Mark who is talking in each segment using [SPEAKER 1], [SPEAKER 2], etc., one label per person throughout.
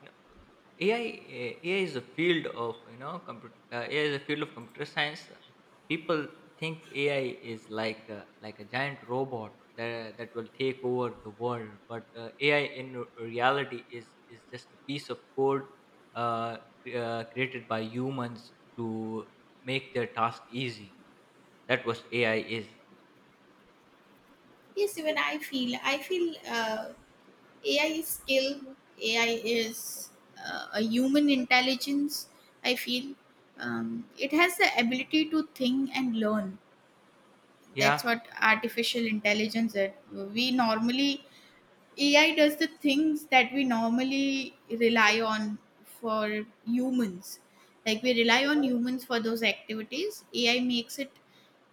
[SPEAKER 1] You know, AI, AI is a field of computer, AI is a field of computer science. People think AI is like a giant robot that will take over the world, but AI in reality is just a piece of code uh, created by humans to make their task easy. That was AI is.
[SPEAKER 2] Yes, even I feel. I feel AI is skill. AI is a human intelligence. I feel it has the ability to think and learn. That's
[SPEAKER 1] Yeah,
[SPEAKER 2] what artificial intelligence is. We normally AI does the things that we normally rely on for humans. Like we rely on humans for those activities. AI makes it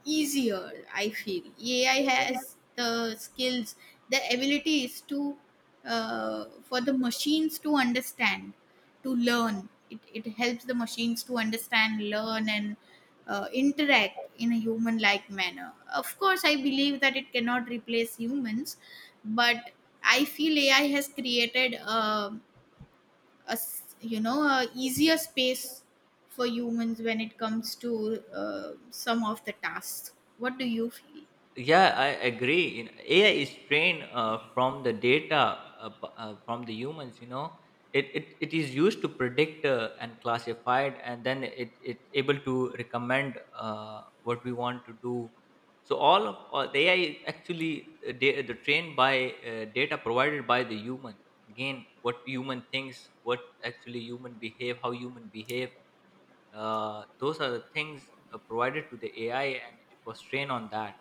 [SPEAKER 2] easier, I feel. AI has the skills, the abilities to for the machines to understand, to learn. It helps the machines to understand, learn, and interact in a human like manner. Of course, I believe that it cannot replace humans, but I feel AI has created a easier space for humans when it comes to some of the tasks. What do you feel?
[SPEAKER 1] Yeah, I agree. You know, AI is trained from the data from the humans. You know, it is used to predict and classified, and then it able to recommend what we want to do. So the AI is actually the trained by data provided by the human. Again, what human thinks, what actually human behave, how human behave. Those are the things provided to the AI, and it was trained on that.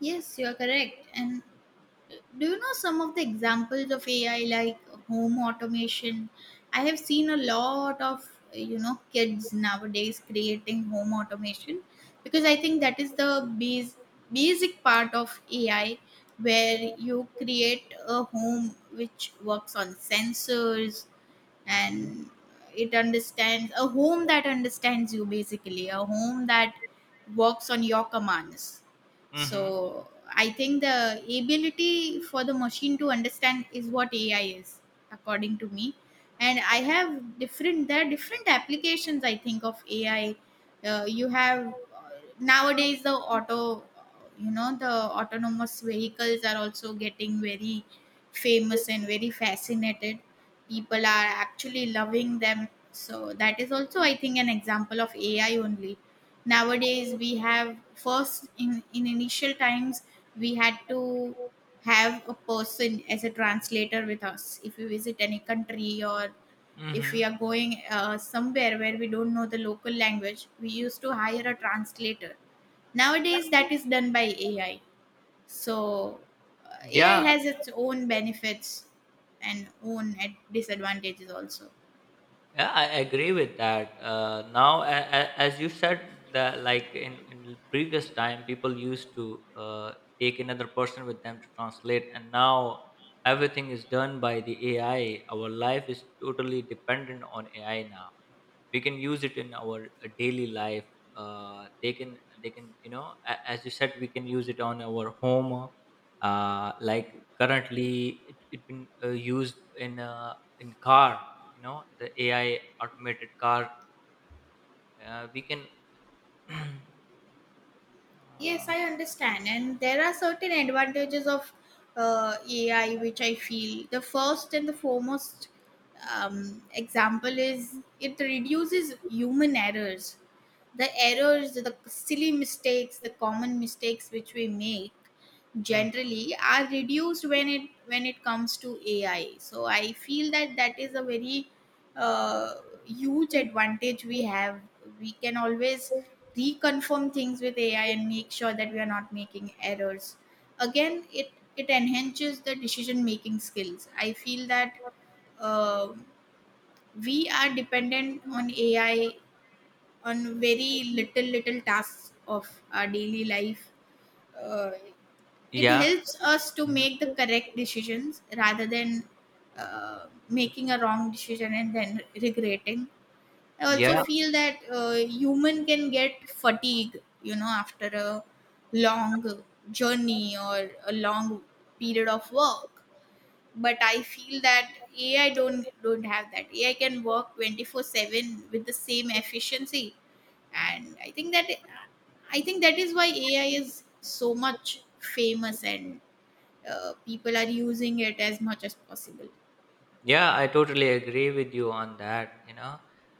[SPEAKER 2] Yes, you are correct. And do you know some of the examples of AI like home automation? I have seen a lot of kids nowadays creating home automation because I think that is the base, basic part of AI where you create a home which works on sensors,
[SPEAKER 1] Mm-hmm.
[SPEAKER 2] and it understands a home that understands you, basically a home that works on your commands.
[SPEAKER 1] Mhm.
[SPEAKER 2] So I think the ability for the machine to understand is what AI is, according to me. And I have different there are different applications, I think, of AI. You have nowadays the autonomous vehicles are also getting very famous and very fascinated. People are actually loving them, so that is also, I think, an example of AI only. Nowadays, we have first in initial times, we had to have a person as a translator with us if we visit any country, or if we
[SPEAKER 1] Mhm.
[SPEAKER 2] are going somewhere where we don't know the local language. We used to hire a translator. Nowadays, that is done by AI. So AI
[SPEAKER 1] Yeah.
[SPEAKER 2] has its own benefits and own disadvantages also.
[SPEAKER 1] Yeah, I agree with that. Now, as you said, that like in the previous time, people used to take another person with them to translate, and now everything is done by the AI. Our life is totally dependent on AI now. We can use it in our daily life. uh, they can they can, you know, as you said, we can use it on our home. Like currently it been used in car. You know, the AI automated car, we can uh,
[SPEAKER 2] Yes, I understand. And there are certain advantages of AI, which I feel. The first and the foremost example is it reduces human errors, the errors, the silly mistakes, the common mistakes which we make
[SPEAKER 1] mm,
[SPEAKER 2] generally are reduced when it comes to AI. So I feel that that is a very uh, huge advantage we have. We can always reconfirm things with AI and make sure that we are not making errors. Again, it enhances the decision making skills. I feel that uh, we are dependent on AI on very little little tasks of our daily life. uh, it
[SPEAKER 1] yeah.
[SPEAKER 2] helps us to
[SPEAKER 1] mhm,
[SPEAKER 2] make the correct decisions rather than making a wrong decision and then regretting. I also
[SPEAKER 1] yeah
[SPEAKER 2] feel that human can get fatigue after a long journey or a long period of work. But I feel that AI don't have that. AI can work 24/7 with the same efficiency. And I think that is why AI is so much famous, and people are using it as much as possible.
[SPEAKER 1] Yeah, I totally agree with you on that. You know,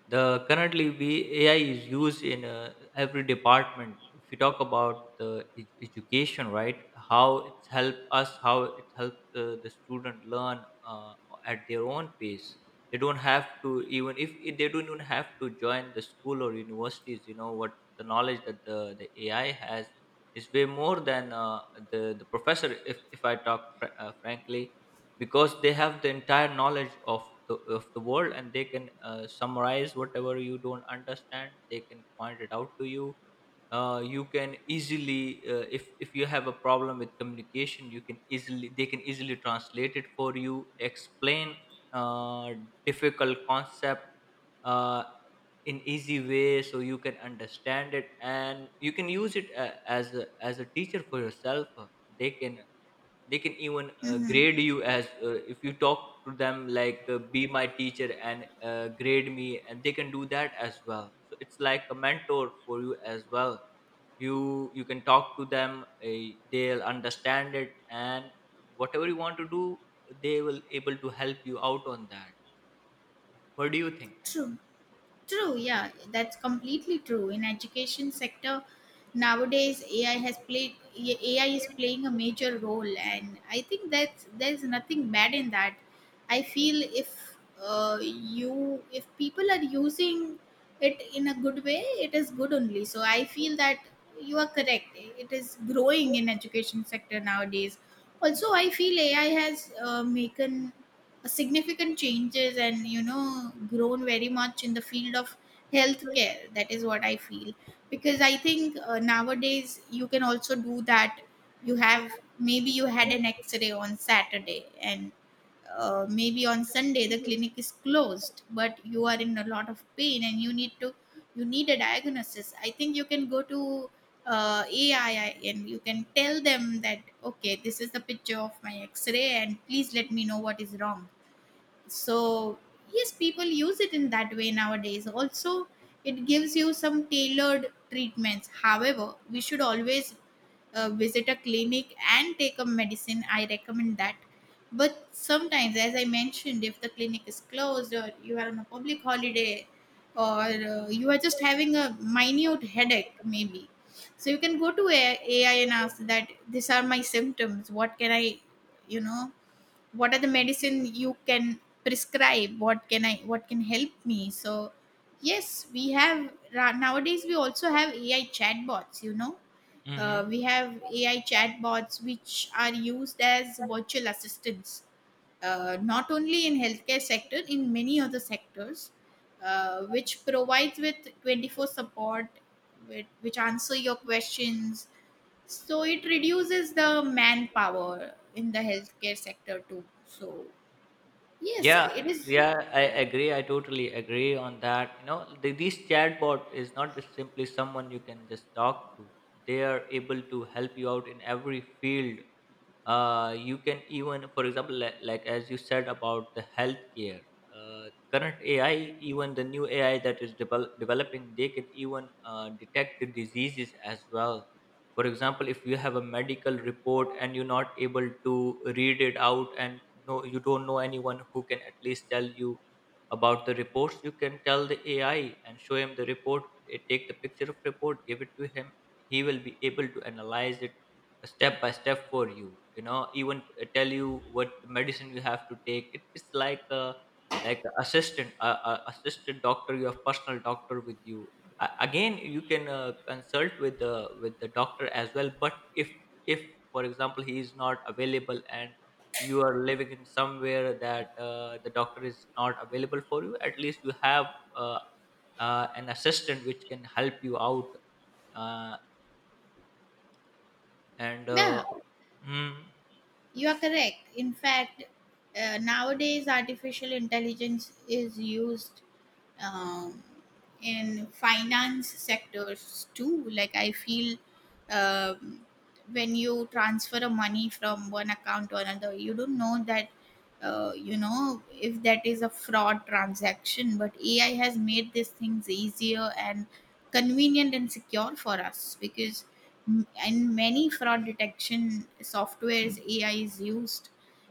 [SPEAKER 1] the currently we AI is used in every department. If you talk about the education, right? How it's helped us, how it helps the student learn at their own pace. They don't have to, even if they don't even have to join the school or universities. You know, what the knowledge that the AI has is way more than the professor. If I talk frankly, because they have the entire knowledge of the world, and they can summarize whatever you don't understand. They can point it out to you. You can easily, if you have a problem with communication, you can easily, they can easily translate it for you, explain uh, difficult concept uh, in easy way, so you can understand it, and you can use it as a teacher for yourself. They can they can even
[SPEAKER 2] Hmm.
[SPEAKER 1] grade you as, if you talk to them like, be my teacher and grade me, and they can do that as well, so it's like a mentor for you as well. You can talk to them, they'll understand it, and whatever you want to do, they will able to help you out on that. What do you
[SPEAKER 2] True. True, yeah, that's completely true. In education sector nowadays, AI has played AI is playing a major role, and I think that there's nothing bad in that. I feel, if people are using it in a good way, it is good only. So I feel that you are correct. It is growing in education sector nowadays. Also, I feel AI has making significant changes and grown very much in the field of healthcare. That is what I feel. Because I think nowadays you can also do that. You have, maybe you had an x-ray on Saturday, and maybe on Sunday the clinic is closed, but you are in a lot of pain and you need a diagnosis. I think you can go to AI and you can tell them that, okay, this is the picture of my x-ray and please let me know what is wrong. So yes, people use it in that way nowadays also. It gives you some tailored treatments. However, we should always visit a clinic and take a medicine. I recommend that. But sometimes, as I mentioned, if the clinic is closed or you are on a public holiday, or you are just having a minute headache maybe. So you can go to AI and ask that these are my symptoms. What can I you know What are the medicine you can prescribe? What can help me? So yes, we have nowadays we also have AI chatbots.
[SPEAKER 1] think?
[SPEAKER 2] We have AI chatbots which are used as virtual assistants, not only in healthcare sector, in many other sectors, which provides with 24 support, which answer your questions. So it reduces the manpower in the healthcare sector too. So yes, it
[SPEAKER 1] Yeah,
[SPEAKER 2] is.
[SPEAKER 1] yeah, I agree. I totally agree on that. You know, this chatbot is not just simply someone you can just talk to. They are able to help you out in every field. You can even, for example, like, as you said about the healthcare, uh, current AI, even the new AI that is developing, they can even detect the diseases as well. For example, if you have a medical report and you're not able to read it out, and no you don't know anyone who can at least tell you about the reports, you can tell the AI and show him the report. Take the picture of report, give it to him. He will be able to analyze it step by step for you, you know. Even tell you what medicine you have to take. It's like a, like a assistant, a assistant doctor. You have personal doctor with you. Again, you can consult with the doctor as well, but if if for example he is not available, and you are living in somewhere that the doctor is not available for you, at least you have uh, an assistant which can help you out. Uh, and
[SPEAKER 2] Yeah,
[SPEAKER 1] mm,
[SPEAKER 2] you are correct. In fact, nowadays artificial intelligence is used um, in finance sectors too, like I feel um, when you transfer a money from one account to another, you don't know that if that is a fraud transaction. But AI has made these things easier and convenient and secure for us because in many fraud detection softwares AI is used,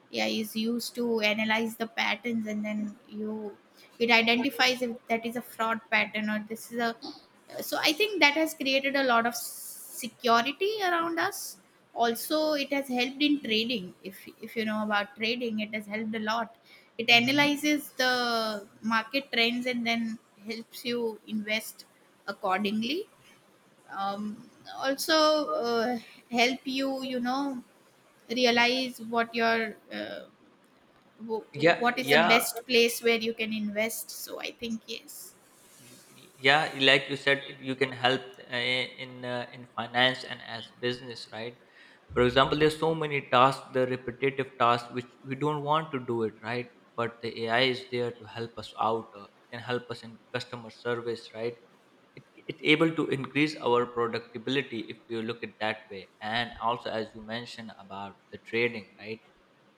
[SPEAKER 2] yeah, is used to analyze the patterns, and then you it identifies if that is a fraud pattern or this is a So I think that has created a lot of security around us. Also, it has helped in trading. If you know about trading, it has helped a lot. It
[SPEAKER 1] mhm.
[SPEAKER 2] analyzes the market trends, and then helps you invest accordingly. um, Also, uh, help you, you know realize wh-
[SPEAKER 1] Yeah,
[SPEAKER 2] what is the
[SPEAKER 1] yeah,
[SPEAKER 2] best place where you can invest. So I think yes,
[SPEAKER 1] yeah. Like you said, you can help in finance and as business, right? For example, there's so many tasks, the repetitive tasks which we don't want to do it, right? But the AI is there to help us out. It can help us in customer service, right? It's able to increase our productivity if you look at that way. And also, as you mentioned about the trading, right?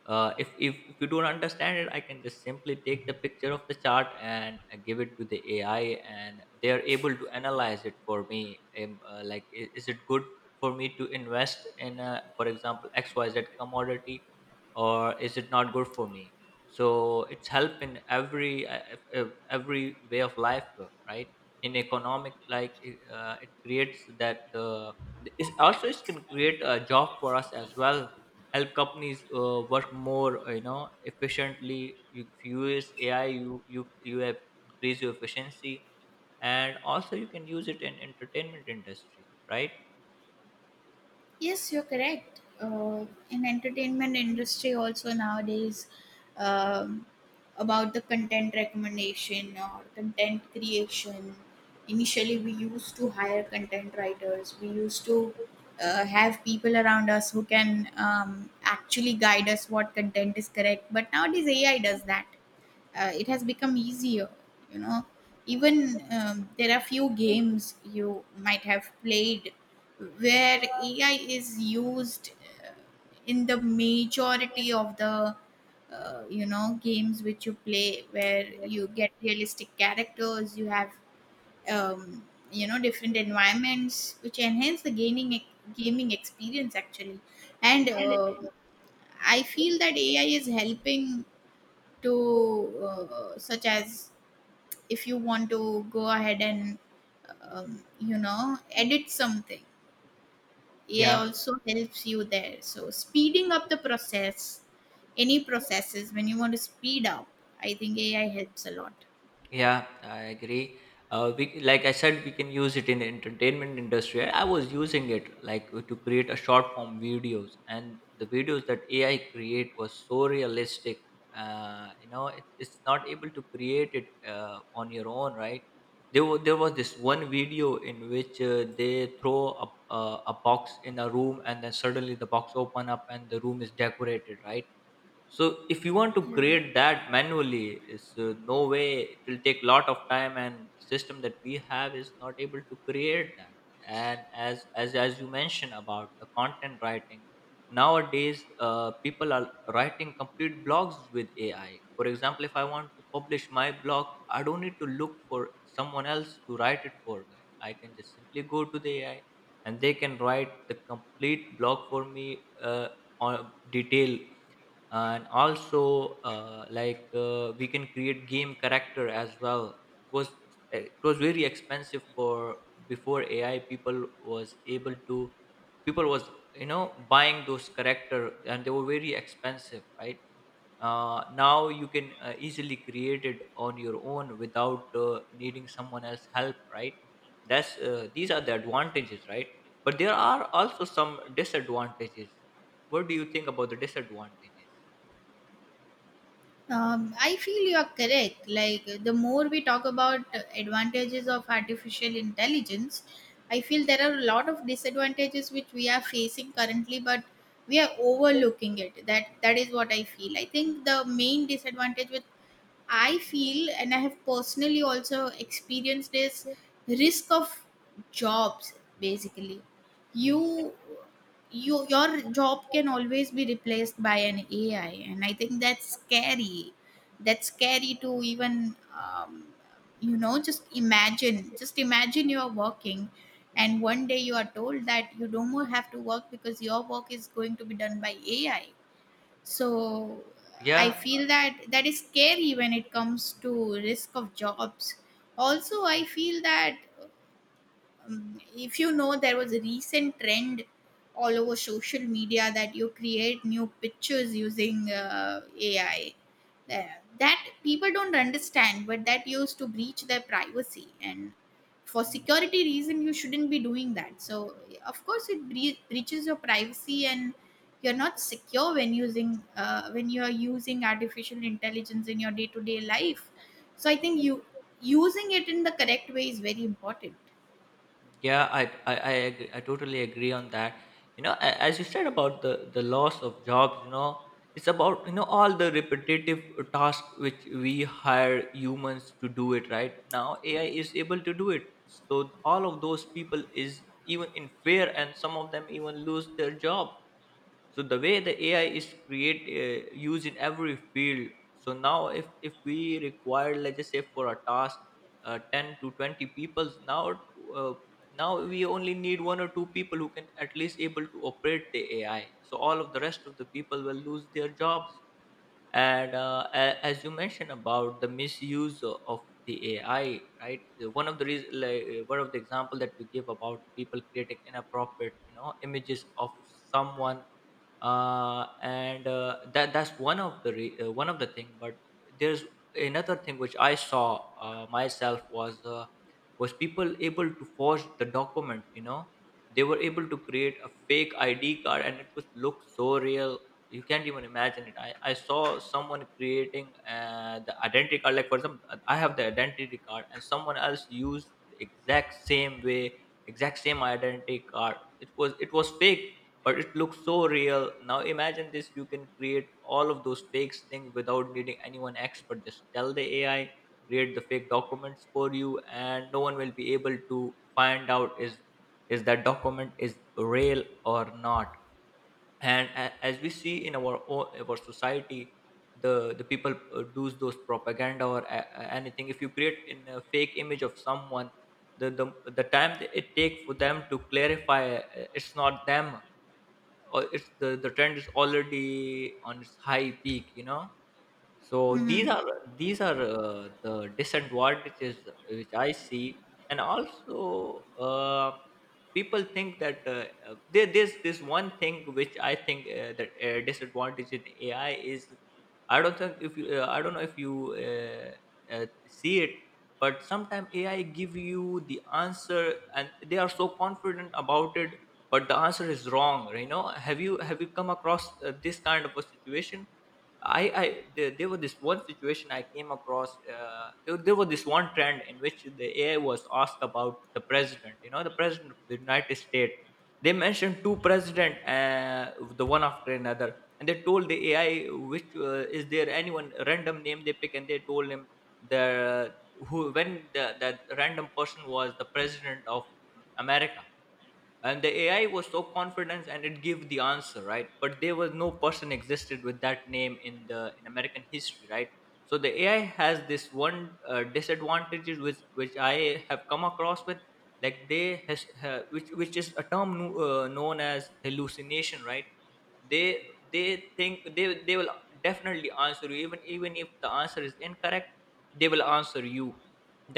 [SPEAKER 1] If if you don't understand it, I can just simply take the picture of the chart and give it to the AI, and they are able to analyze it for me. Like, is it good for me to invest in, for example, XYZ commodity, or is it not good for me? So it's help in every every way of life, right? In economic, like it creates that, it's also, it can create a job for us as well. Help companies work more, you know, efficiently. If you use AI, you have increase your efficiency. And also, you can use it in entertainment industry, right?
[SPEAKER 2] yes, you're correct. In entertainment industry also nowadays, um, about the content recommendation or content creation. Initially, we used to hire content writers. We used to have people around us who can actually guide us what content is correct. But nowadays AI does that. It has become easier, you know even there are few games you might have played where AI is used, uh, in the majority of the games which you play where you get realistic characters. You have um, different environments which enhance the gaming experience actually. And I feel that AI is helping to such as if you want to go ahead and um, you know edit something. AI
[SPEAKER 1] Yeah.
[SPEAKER 2] also helps you there. So speeding up the process, any processes when you want to speed up, I think AI helps a lot.
[SPEAKER 1] Yeah, I agree. Like I said, we can use it in the entertainment industry. I was using it like to create a short form videos, and the videos that AI create was so realistic. You know, it's not able to create it on your own, right? There was this one video in which they throw a, a box in a room, and then suddenly the box open up and the room is decorated, right? So if you want to
[SPEAKER 2] Yeah.
[SPEAKER 1] create that manually is, no way. It will take lot of time, and system that we have is not able to create that. And as you mentioned about the content writing, nowadays people are writing complete blogs with AI. For example, if I want to publish my blog, I don't need to look for someone else to write it for me. I can just simply go to the AI, and they can write the complete blog for me, on detail. And also, we can create game character as well. It was, it was very expensive for, before AI, people was able to, people was you know, buying those character, and they were very expensive, right? Now you can easily create it on your own without needing someone else help, right? that's These are the advantages, right? But there are also some disadvantages. What do you think about the disadvantages?
[SPEAKER 2] I feel you are correct. Like, the more we talk about advantages of artificial intelligence, I feel there are a lot of disadvantages which we are facing currently, but we are overlooking it. That, that is what I feel. I think the main disadvantage with, I feel, and I have personally also experienced, is risk of jobs. Basically,
[SPEAKER 1] Mm-hmm.
[SPEAKER 2] you, your job can always be replaced by an AI, and I think that's scary. That's scary to even, just imagine. Just imagine you are working, and one day you are told that you don't more have to work because your work is going to be done by AI. So I
[SPEAKER 1] Yeah,
[SPEAKER 2] feel that that is scary when it comes to risk of jobs. Also, I feel that if you know there was a recent trend all over social media that you create new pictures using AI. Uh, that people don't understand, but that used to breach their privacy. And for security reason, you shouldn't be doing that. So of course it breaches your privacy, and you're not secure when you are using artificial intelligence in your day-to-day life. So I think, you using it in the correct way is very important.
[SPEAKER 1] yeah, I agree, I totally agree on that. You know, as you said about the loss of jobs, you know, it's about, you know, all the repetitive tasks which we hire humans to do it. Right now, AI is able to do it. So all of those people is even in fear, and some of them even lose their job. So the way the AI is create, used in every field. So now, if we require, let's just say, for a task 10 to 20 people. Now, uh, we only need one or two people who can at least able to operate the AI, so all of the rest of the people will lose their jobs. And as you mentioned about the misuse of the AI, right? One of the reason, like, one of the example that you give about the people creating inappropriate, you know, images of someone, and that, that's one of the one of the thing. But there's another thing which I saw myself, was people able to forge the document, you know. They were able to create a fake ID card, and it was looked so real. You can't even imagine it. I saw someone creating the identity card. Like, for example, I have the identity card, and someone else used the exact same way, exact same identity card. It was, it was fake, but it looks so real. Now imagine this, you can create all of those fake things without needing anyone expert. Just tell the AI, create the fake documents for you, and no one will be able to find out is that document is real or not. And as we see in our own, our society, the people do those propaganda or anything. If you create in a fake image of someone, the the, the time that it takes for them to clarify, it's not them, or it's the trend is already on its high peak. So these
[SPEAKER 2] Hmm.
[SPEAKER 1] are, the disadvantages which I see. And also, people think that there's this one thing which I think, that disadvantage in AI is, I don't think if I don't know if you see it, but sometimes AI give you the answer and they are so confident about it, but the answer is wrong. You know, have you come across this kind of a situation? There was this one situation I came across. There was this one trend in which the AI was asked about the president. You know, the president of the United States. They mentioned two president, the one after another, and they told the AI, which, is there anyone random name they pick, and they told him the who, when the that random person was the president of America. And the AI was so confident and it gave the answer right, but there was no person existed with that name in the in American history, right? So the AI has this one disadvantages, which I have come across with, like they has, which is a term known as hallucination, right? They they think they they will definitely answer you, even if the answer is incorrect, they will answer you.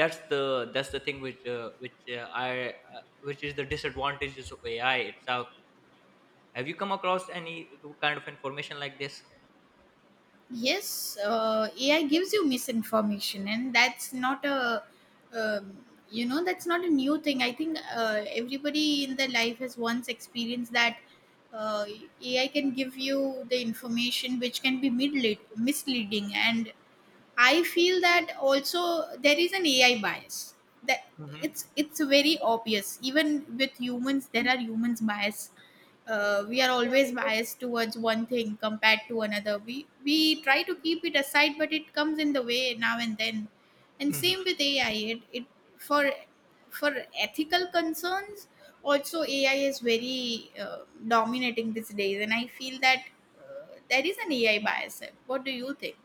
[SPEAKER 1] That's the thing which, which I which is the disadvantages of AI itself. Have you come across any kind of information like this?
[SPEAKER 2] Yes, AI gives you misinformation, and that's not a new thing. I think everybody in their life has once experienced that uh, AI can give you the information which can be misleading. And I feel that also there is an AI bias, that it's very obvious. Even with humans, there are humans bias. We are always biased towards one thing compared to another. We try to keep it aside, but it comes in the way now and then. And
[SPEAKER 1] Hmm.
[SPEAKER 2] same with AI. It, it for for ethical concerns also, AI is very dominating these days. And I feel that there is an AI bias. What do you think?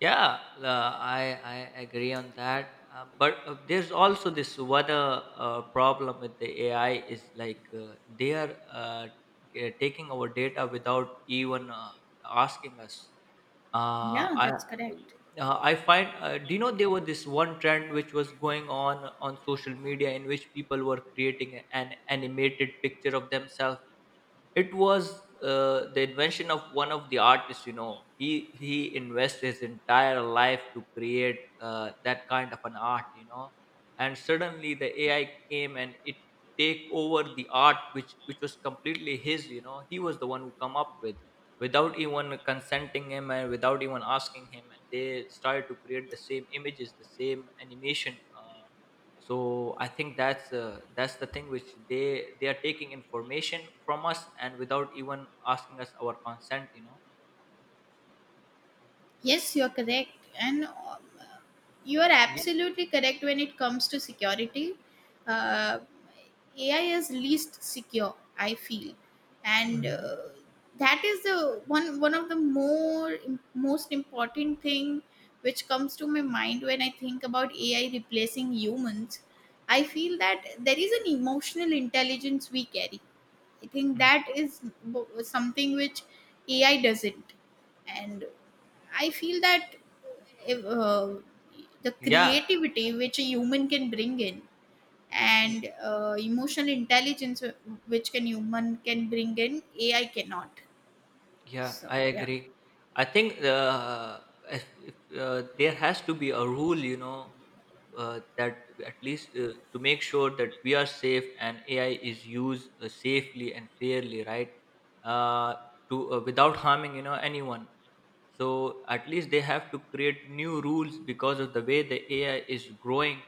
[SPEAKER 1] Yeah, I agree on that. But there's also this other problem with the AI is like, they are, taking our data without even, asking us. Uh,
[SPEAKER 2] Yeah,
[SPEAKER 1] I
[SPEAKER 2] that's correct.
[SPEAKER 1] I find, do you know there was this one trend which was going on social media in which people were creating an animated picture of themselves. It was, the invention of one of the artists. You know, he invested his entire life to create, that kind of an art, you know. And suddenly the AI came and it take over the art, which was completely his, you know. He was the one who come up with, without even consenting him and without even asking him, and they started to create the same images, the same animation. So I think that's, that's the thing, which they are taking information from us and without even asking us our consent,
[SPEAKER 2] Yes, you're correct. And you are
[SPEAKER 1] yeah.
[SPEAKER 2] absolutely correct when it comes to security. Uh, AI is least secure, I feel. And
[SPEAKER 1] Hmm.
[SPEAKER 2] that is the one one of the more most important thing which comes to my mind when I think about AI replacing humans. I feel that there is an emotional intelligence we carry. I think
[SPEAKER 1] Mhm.
[SPEAKER 2] that is something which AI doesn't, and I feel that if, the
[SPEAKER 1] Yeah.
[SPEAKER 2] creativity which a human can bring in and emotional intelligence which can human can bring in AI cannot.
[SPEAKER 1] Yeah,
[SPEAKER 2] So
[SPEAKER 1] I
[SPEAKER 2] yeah.
[SPEAKER 1] agree. I think, if, there has to be a rule, you know, that at least, to make sure that we are safe and AI is used, safely and fairly, right? Uh, to Without harming, you know, anyone. So at least they have to create new rules because of the way the AI is growing,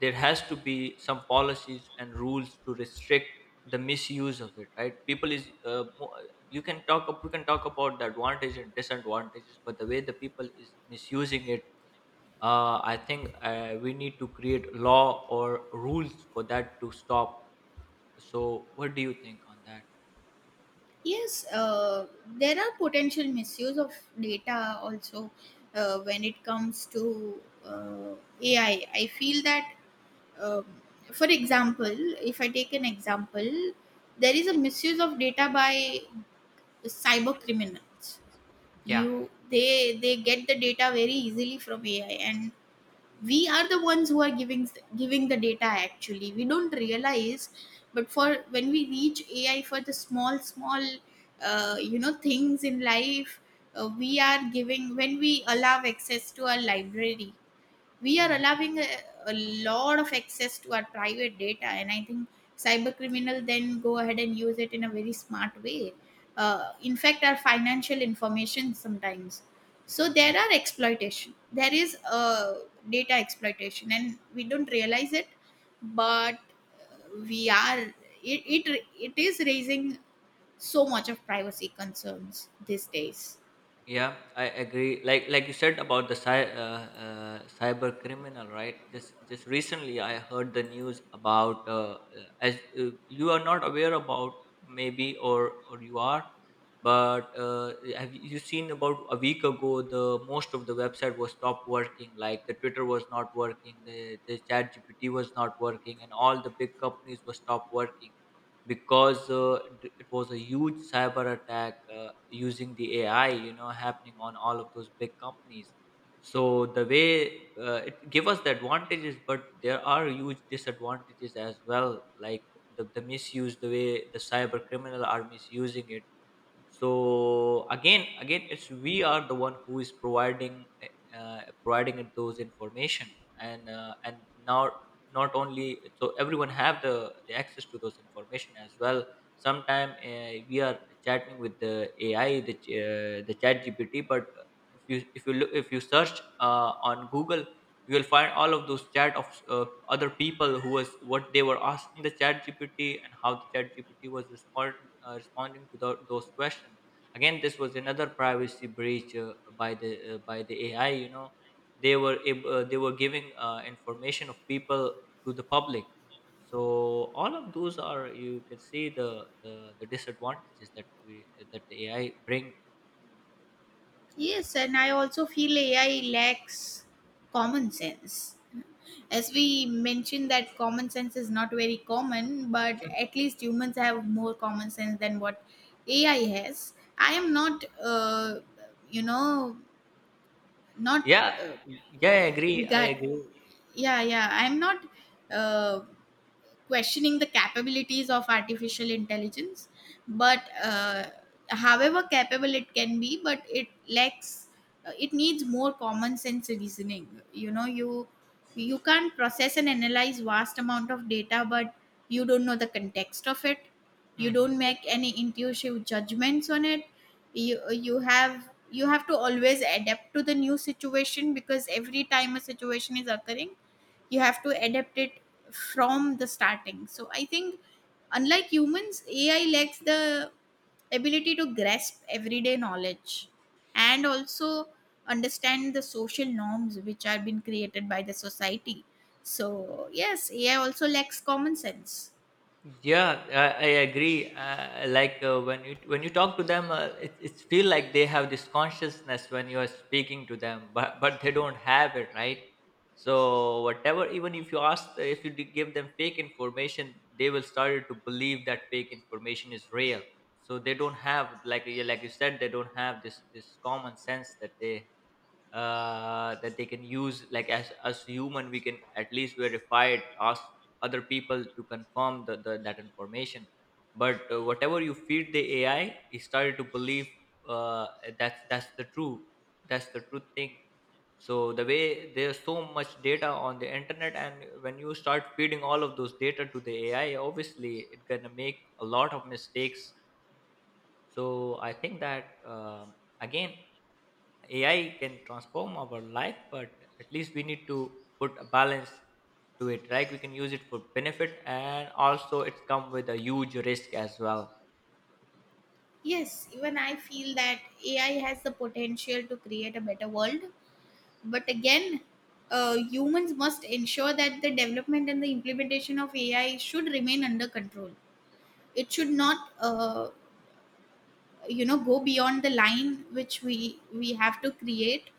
[SPEAKER 1] there has to be some policies and rules to restrict the misuse of it, right? You can talk up we can talk about the advantage and disadvantages, but the way the people is misusing it, I think, we need to create law or rules for that to stop. So what do you think on that?
[SPEAKER 2] Yes, there are potential misuse of data also when it comes to AI. I feel that um, for example, if I take an example, there is a misuse of data by cyber criminals.
[SPEAKER 1] Yeah.
[SPEAKER 2] You they get the data very easily from AI, and we are the ones who are giving the data. Actually, we don't realize, but for when we reach AI for the small you know things in life, we are giving when we allow access to our library, we are
[SPEAKER 1] Hmm.
[SPEAKER 2] allowing a lot of access to our private data, and I think cyber criminal then go ahead and use it in a very smart way, in fact our financial information sometimes. So there are
[SPEAKER 1] Hmm.
[SPEAKER 2] exploitation, there is data exploitation, and we don't realize it, but we are it it is raising so much of privacy concerns these days.
[SPEAKER 1] Yeah, I agree. Like you said about the cyber criminal, right? Just recently, I heard the news about, as, you are not aware about maybe, or you are, but, have you seen about a week ago the most of the website was stopped working. Like the Twitter was not working, the Chat GPT was not working, and all the big companies were stopped working because, it was a huge cyber attack, using the AI, you know, happening on all of those big companies. So the way, it give us the advantages, but there are huge disadvantages as well, like the misuse, the way the cyber criminal are misusing it. So again, it's we are the one who is providing, providing it those information. And, and now, not only so everyone have the access to those information as well. Sometime, we are chatting with the AI, the Chat GPT, but if you look, if you search, on Google, you will find all of those chat of, other people, who was what they were asking the Chat GPT, and how the Chat GPT was responding to those questions. Again, this was another privacy breach, by the, by the AI, you know. They were they were giving, information of people to the public. So all of those are, you can see the, the, the disadvantages that we that the AI bring.
[SPEAKER 2] Yes, and I also feel AI lacks common sense. As we mentioned, that common sense is not very common, but at least humans have more common sense than what AI has. I am not, you know, not
[SPEAKER 1] Yeah. Yeah, i agree i
[SPEAKER 2] regard.
[SPEAKER 1] agree
[SPEAKER 2] Yeah, yeah. I am not. Uh, questioning the capabilities of artificial intelligence, but however capable it can be, but it lacks, it needs more common sense reasoning. You know, you can't process and analyze vast amount of data, but you don't know the context of it. You
[SPEAKER 1] Mhm.
[SPEAKER 2] don't make any intuitive judgments on it. You have to always adapt to the new situation, because every time a situation is occurring, you have to adapt it from the starting. So I think unlike humans, AI lacks the ability to grasp everyday knowledge, and also understand the social norms which are being created by the society. So yes, AI also lacks common sense.
[SPEAKER 1] Yeah, I agree. Like when you talk to them, it it's feel like they have this consciousness when you are speaking to them, but they don't have it, right? So whatever, even if you ask, if you give them fake information, they will start to believe that fake information is real. So they don't have, like you said, they don't have this common sense that they, that they can use, like as human, we can at least verify it, ask other people to confirm the that information. But, whatever you feed the AI, it started to believe, uh, that's the true thing. So the way there's so much data on the internet, and when you start feeding all of those data to the AI, obviously it's gonna make a lot of mistakes. So I think that, again AI can transform our life, but at least we need to put a balance to it, right? We can use it for benefit, and also it's come with a huge risk as well.
[SPEAKER 2] Yes, even I feel that AI has the potential to create a better world, but again, humans must ensure that the development and the implementation of AI should remain under control. It should not, you know, go beyond the line which we have to create.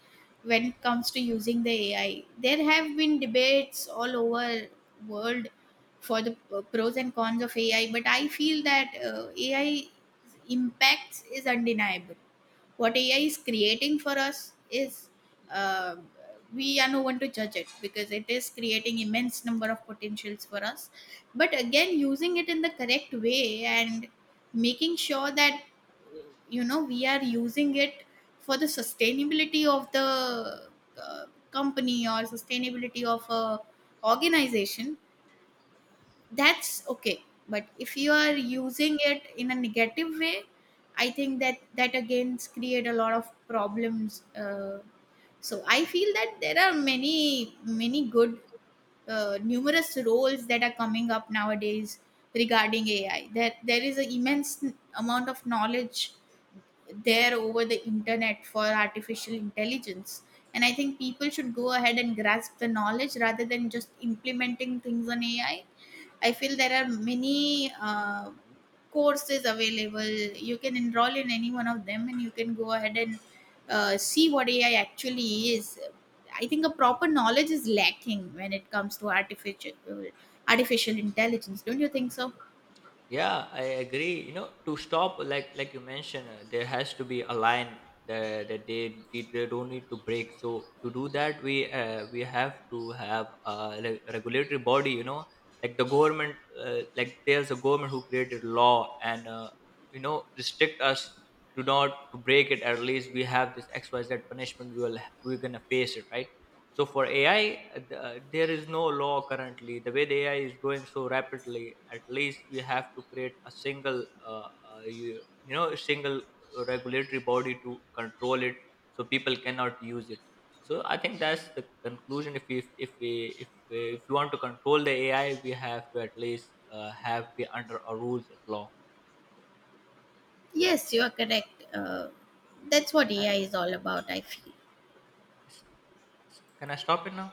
[SPEAKER 2] When it comes to using the AI, there have been debates all over world for the pros and cons of AI, but I feel that AI 's impacts is undeniable. What AI is creating for us is, uh, we are no one to judge it, because it is creating immense number of potentials for us. But again, using it in the correct way and making sure that, you know, we are using it for the sustainability of the uh, company, or sustainability of a organization, that's okay. But if you are using it in a negative way, I think that again create a lot of problems. So I feel that there are many many good, numerous roles that are coming up nowadays regarding AI, that there is an immense amount of knowledge there over the internet for artificial intelligence, and I think people should go ahead and grasp the knowledge rather than just implementing things on AI. I feel there are many courses available. You can enroll in any one of them, and you can go ahead and see what AI actually is. I think a proper knowledge is lacking when it comes to artificial intelligence. Don't you think so?
[SPEAKER 1] Yeah, I agree. You know, to stop, like you mentioned, there has to be a line that, that they don't need to break. So to do that, we have to have a regulatory body. You know, like the government. Like there's a government who created law, and, you know, restrict us to not to break it. At least we have this XYZ punishment. We will we're gonna face it, right? So for AI, there is no law currently. The way the AI is going so rapidly, at least we have to create a single, you know, a single regulatory body to control it, so people cannot use it. So I think that's the conclusion. If you want to control the AI, we have to at least, have be under a rules of law.
[SPEAKER 2] Yes, you are correct. That's what
[SPEAKER 1] And
[SPEAKER 2] AI is all about, I feel.
[SPEAKER 1] s- can I stop it now?